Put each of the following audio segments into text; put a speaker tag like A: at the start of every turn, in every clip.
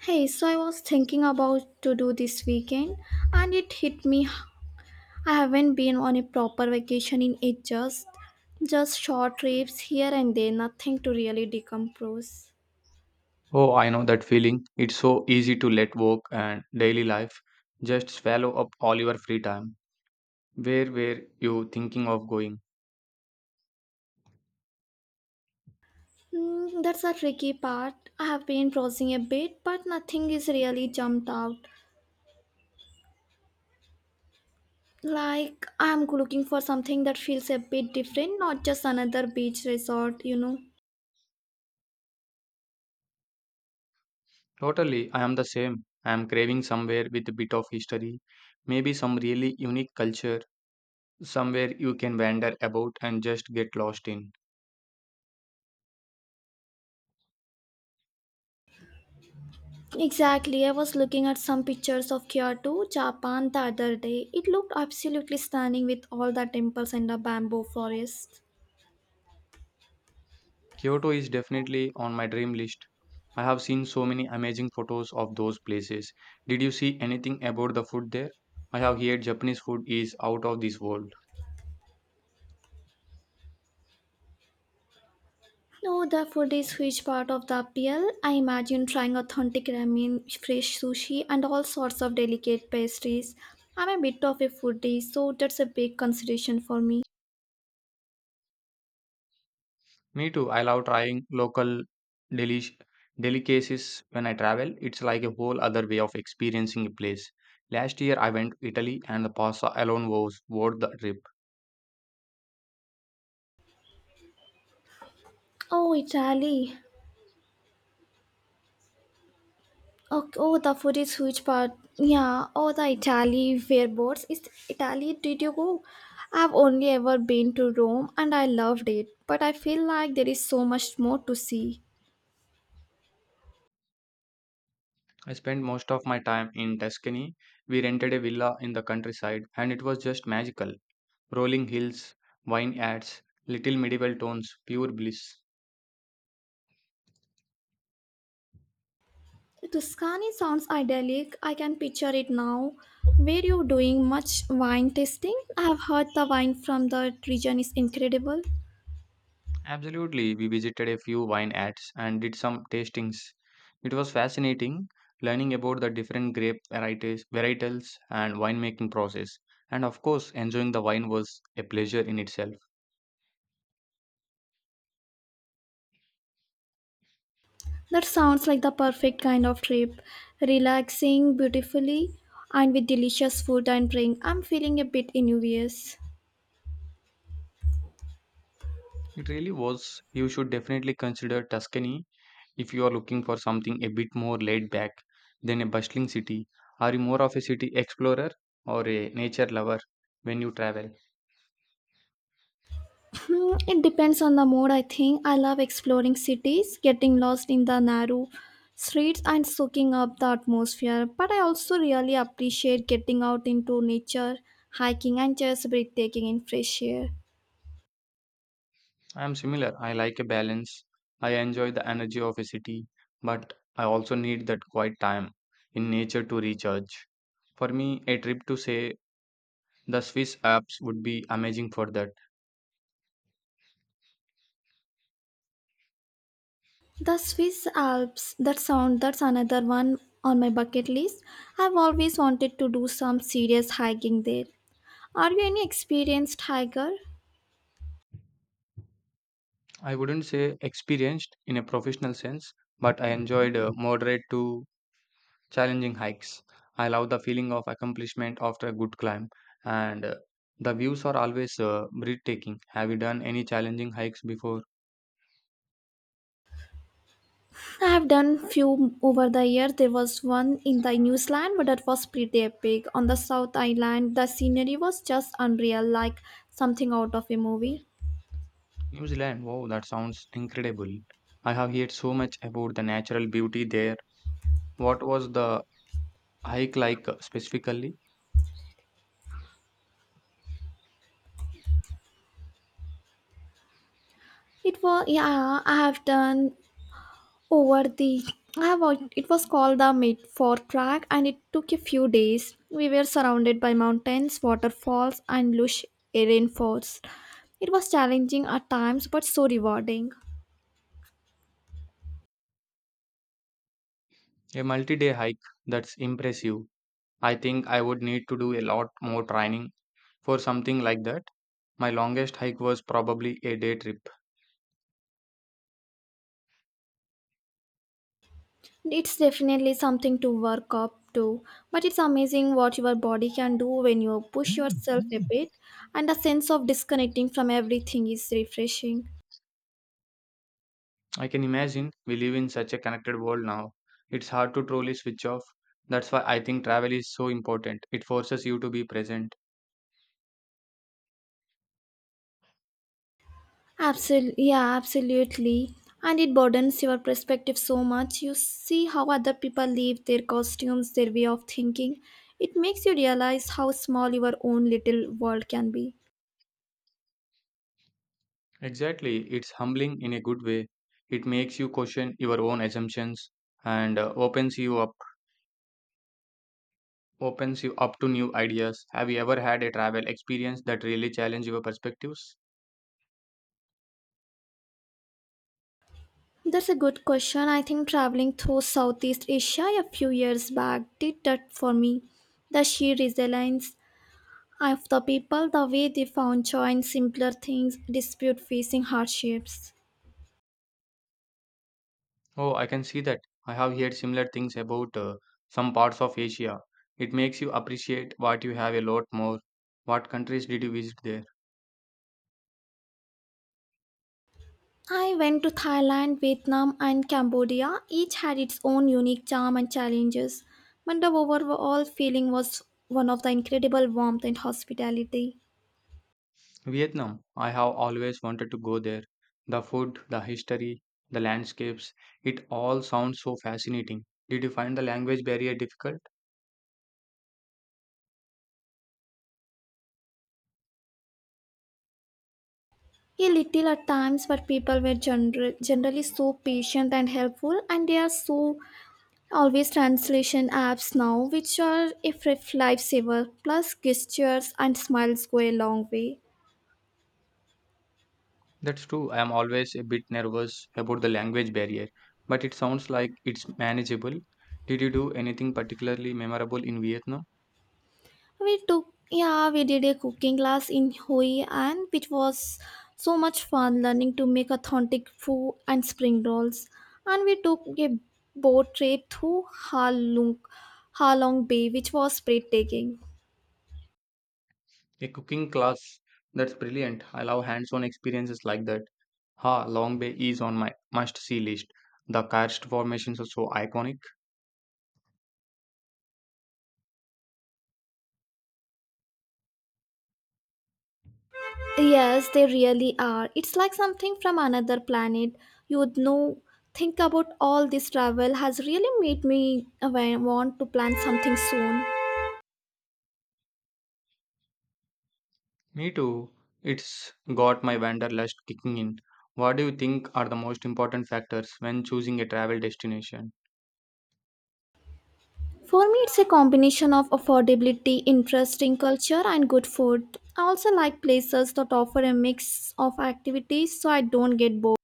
A: Hey, so I was thinking about to do this weekend and it hit me. I haven't been on a proper vacation in ages. Just short trips here and there, nothing to really decompress.
B: Oh, I know that feeling. It's so easy to let work and daily life just swallow up all your free time. Where were you thinking of going?
A: That's a tricky part. I have been browsing a bit, but nothing is really jumped out. Like I'm looking for something that feels a bit different, not just another beach resort, you know.
B: Totally, I am the same. I am craving somewhere with a bit of history, maybe some really unique culture, somewhere you can wander about and just get lost in.
A: Exactly. I was looking at some pictures of Kyoto, Japan the other day. It looked absolutely stunning with all the temples and the bamboo forest.
B: Kyoto is definitely on my dream list. I have seen so many amazing photos of those places. Did you see anything about the food there? I have heard Japanese food is out of this world.
A: No, the food is huge part of the appeal. I imagine trying authentic ramen, fresh sushi, and all sorts of delicate pastries. I'm a bit of a foodie, so that's a big consideration for me.
B: Me too. I love trying local delish delicacies when I travel. It's like a whole other way of experiencing a place. Last year I went to Italy and the pasta alone was worth the trip.
A: Oh, Italy. Oh, the food is huge part. Yeah. Oh, the Italy fireboats. Is Italy? Did you go? I've only ever been to Rome, and I loved it. But I feel like there is so much more to see.
B: I spent most of my time in Tuscany. We rented a villa in the countryside and it was just magical. Rolling hills, wine ads, little medieval tones, pure bliss.
A: Tuscany sounds idyllic. I can picture it now. Were you doing much wine tasting? I've heard the wine from that region is incredible.
B: Absolutely, we visited a few wine ads and did some tastings. It was fascinating learning about the different grape varieties, varietals and winemaking process. And of course, enjoying the wine was a pleasure in itself.
A: That sounds like the perfect kind of trip. Relaxing beautifully and with delicious food and drink. I'm feeling a bit envious.
B: It really was. You should definitely consider Tuscany if you are looking for something a bit more laid back than a bustling city. Are you more of a city explorer or a nature lover when you travel?
A: It depends on the mood, I think. I love exploring cities, getting lost in the narrow streets, and soaking up the atmosphere. But I also really appreciate getting out into nature, hiking, and just breathtaking in fresh air.
B: I'm similar. I like a balance. I enjoy the energy of a city, but I also need that quiet time in nature to recharge. For me, a trip to, say, the Swiss Alps would be amazing for that.
A: The Swiss Alps, that's another one on my bucket list. I've always wanted to do some serious hiking there. Are you any experienced hiker?
B: I wouldn't say experienced in a professional sense, but I enjoyed moderate to challenging hikes. I love the feeling of accomplishment after a good climb, and the views are always breathtaking. Have you done any challenging hikes before?
A: I have done few over the years. There was one in the New Zealand, but that was pretty epic. On the South Island, the scenery was just unreal, like something out of a movie.
B: New Zealand, wow, that sounds incredible. I have heard so much about the natural beauty there. What was the hike like, specifically?
A: It was yeah. I have done over the. I have al- It was called the Midford track, and it took a few days. We were surrounded by mountains, waterfalls, and lush rainforests. It was challenging at times, but so rewarding.
B: A multi-day hike, that's impressive. I think I would need to do a lot more training for something like that. My longest hike was probably a day trip.
A: It's definitely something to work up to, but it's amazing what your body can do when you push yourself a bit, and the sense of disconnecting from everything is refreshing.
B: I can imagine, we live in such a connected world now. It's hard to truly switch off. That's why I think travel is so important. It forces you to be present.
A: Absolutely, yeah, absolutely. And it broadens your perspective so much. You see how other people live, their costumes, their way of thinking. It makes you realize how small your own little world can be.
B: Exactly, it's humbling in a good way. It makes you question your own assumptions and opens you up to new ideas. Have you ever had a travel experience that really challenged your perspectives?
A: That's a good question. I think traveling through Southeast Asia a few years back did that for me. The sheer resilience of the people, the way they found joy in simpler things, dispute facing hardships.
B: Oh, I can see that. I have heard similar things about some parts of Asia. It makes you appreciate what you have a lot more. What countries did you visit there?
A: I went to Thailand, Vietnam, and Cambodia. Each had its own unique charm and challenges, but the overall feeling was one of the incredible warmth and hospitality.
B: Vietnam, I have always wanted to go there. The food, the history, the landscapes, it all sounds so fascinating. Did you find the language barrier difficult?
A: A little at times, but people were generally so patient and helpful, and they are so always translation apps now which are a free lifesaver plus gestures and smiles go a long way.
B: That's true. I am always a bit nervous about the language barrier, but it sounds like it's manageable. Did you do anything particularly memorable in Vietnam?
A: We took, yeah, we did a cooking class in hoi and it was so much fun learning to make authentic pho and spring rolls, and we took a boat trip through halong bay which was breathtaking.
B: A cooking class. That's brilliant. I love hands-on experiences like that. Ha Long Bay is on my must-see list. The karst formations are so iconic.
A: Yes, they really are. It's like something from another planet. You'd know. Think about all this travel has really made me want to plan something soon.
B: Me too. It's got my wanderlust kicking in. What do you think are the most important factors when choosing a travel destination?
A: For me, it's a combination of affordability, interesting culture, and good food. I also like places that offer a mix of activities so I don't get bored.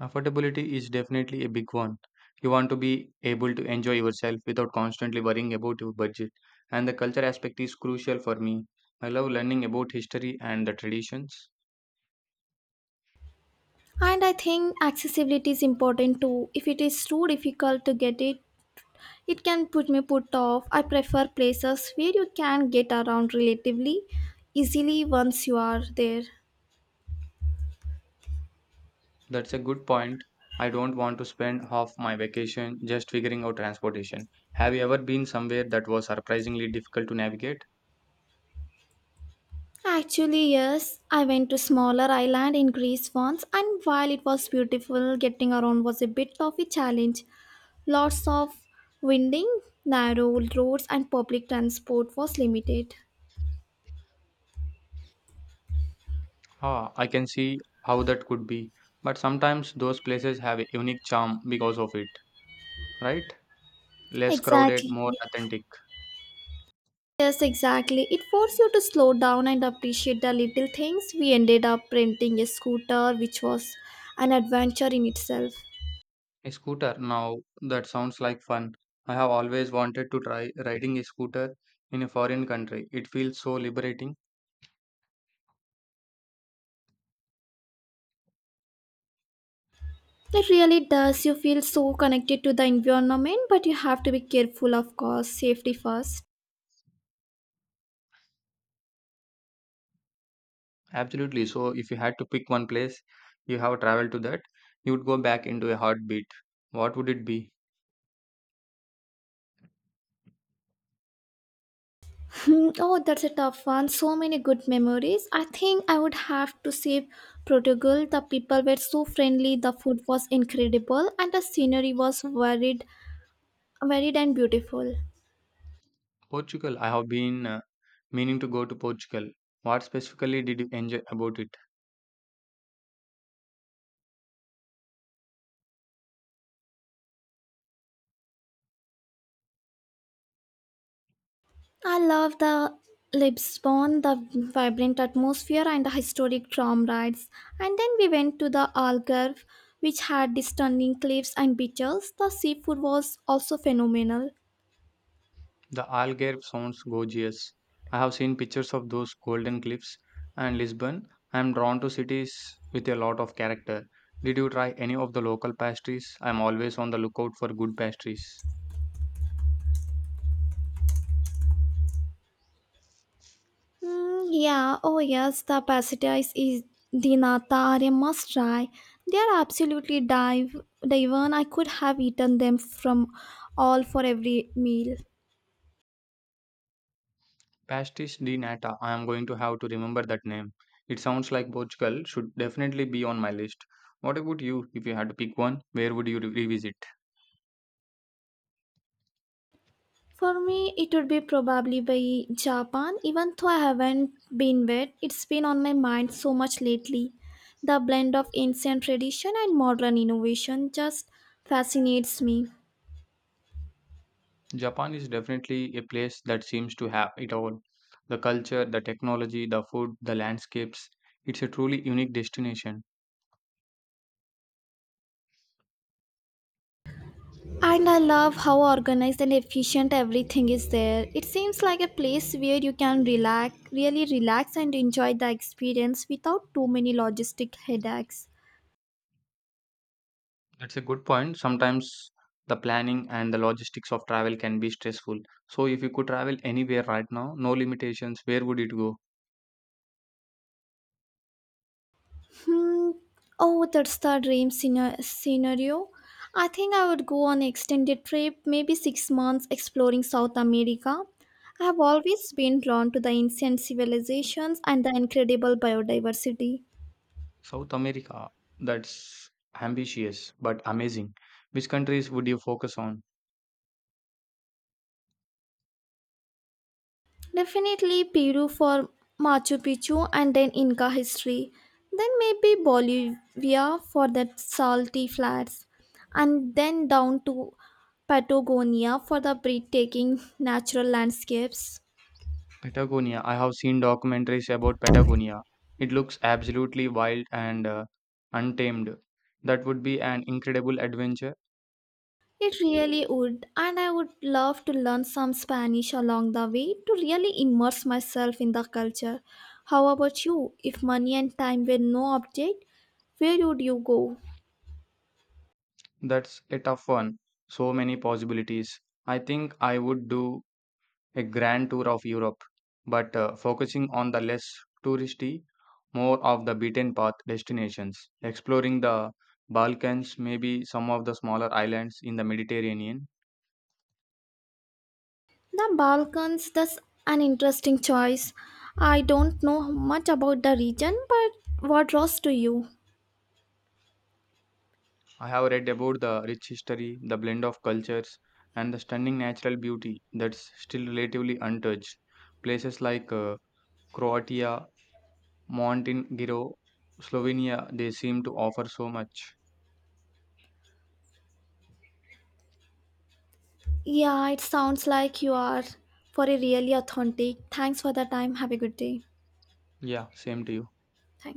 B: Affordability is definitely a big one. You want to be able to enjoy yourself without constantly worrying about your budget. And the culture aspect is crucial for me. I love learning about history and the traditions.
A: And I think accessibility is important too. If it is too difficult to get it, it can put off. I prefer places where you can get around relatively easily once you are there.
B: That's a good point. I don't want to spend half my vacation just figuring out transportation. Have you ever been somewhere that was surprisingly difficult to navigate?
A: Actually, yes, I went to smaller island in Greece once and while it was beautiful, getting around was a bit of a challenge. Lots of winding, narrow roads and public transport was limited.
B: Ah, I can see how that could be. But sometimes those places have a unique charm because of it, right? Less crowded,
A: Exactly.
B: more authentic.
A: Yes, exactly. It forced you to slow down and appreciate the little things. We ended up renting a scooter, which was an adventure in itself.
B: A scooter, now that sounds like fun. I have always wanted to try riding a scooter in a foreign country. It feels so liberating.
A: It really does. You feel so connected to the environment, but you have to be careful, of course. Safety first.
B: Absolutely. So, if you had to pick one place you have traveled to that you would go back into a heartbeat, what would it be?
A: Oh, that's a tough one. So many good memories. I think I would have to say Portugal. The people were so friendly, the food was incredible, and the scenery was varied and beautiful.
B: Portugal. I have been meaning to go to Portugal. What specifically did you enjoy about it?
A: I love the Lisbon, the vibrant atmosphere and the historic tram rides. And then we went to the Algarve, which had the stunning cliffs and beaches. The seafood was also phenomenal.
B: The Algarve sounds gorgeous. I have seen pictures of those golden cliffs, and Lisbon, I am drawn to cities with a lot of character. Did you try any of the local pastries? I am always on the lookout for good pastries.
A: Yeah, oh yes, the pastéis is the nata are a must try. They are absolutely dive I could have eaten them from all for every meal.
B: Pastis de nata. I am going to have to remember that name. It sounds like Portugal should definitely be on my list. What about you? If you had to pick one, where would you revisit?
A: For me, it would be probably by Japan, even though I haven't been there. It's been on my mind so much lately. The blend of ancient tradition and modern innovation just fascinates me.
B: Japan is definitely a place that seems to have it all: the culture, the technology, the food, the landscapes. It's a truly unique destination.
A: And I love how organized and efficient everything is there. It seems like a place where you can relax, really relax and enjoy the experience without too many logistic headaches.
B: That's a good point. Sometimes the planning and the logistics of travel can be stressful. So, if you could travel anywhere right now, no limitations, where would it go?
A: Hmm. Oh, that's the scenario. I think I would go on an extended trip, maybe 6 months exploring South America. I have always been drawn to the ancient civilizations and the incredible biodiversity.
B: South America. That's ambitious, but amazing. Which countries would you focus on?
A: Definitely Peru for Machu Picchu and then Inca history. Then maybe Bolivia for the salty flats. And then down to Patagonia for the breathtaking natural landscapes.
B: Patagonia. I have seen documentaries about Patagonia. It looks absolutely wild and, untamed. That would be an incredible adventure.
A: It really would, and I would love to learn some Spanish along the way to really immerse myself in the culture. How about you? If money and time were no object, where would you go?
B: That's a tough one. So many possibilities. I think I would do a grand tour of Europe, but focusing on the less touristy, more of the beaten path destinations, exploring the Balkans, maybe some of the smaller islands in the Mediterranean.
A: The Balkans, that's an interesting choice. I don't know much about the region, but what draws to you?
B: I have read about the rich history, the blend of cultures, and the stunning natural beauty that's still relatively untouched. Places like Croatia, Montenegro, Slovenia, they seem to offer so much.
A: Yeah, it sounds like you are for a really authentic. Thanks for the time. Have a good day.
B: Yeah, same to you.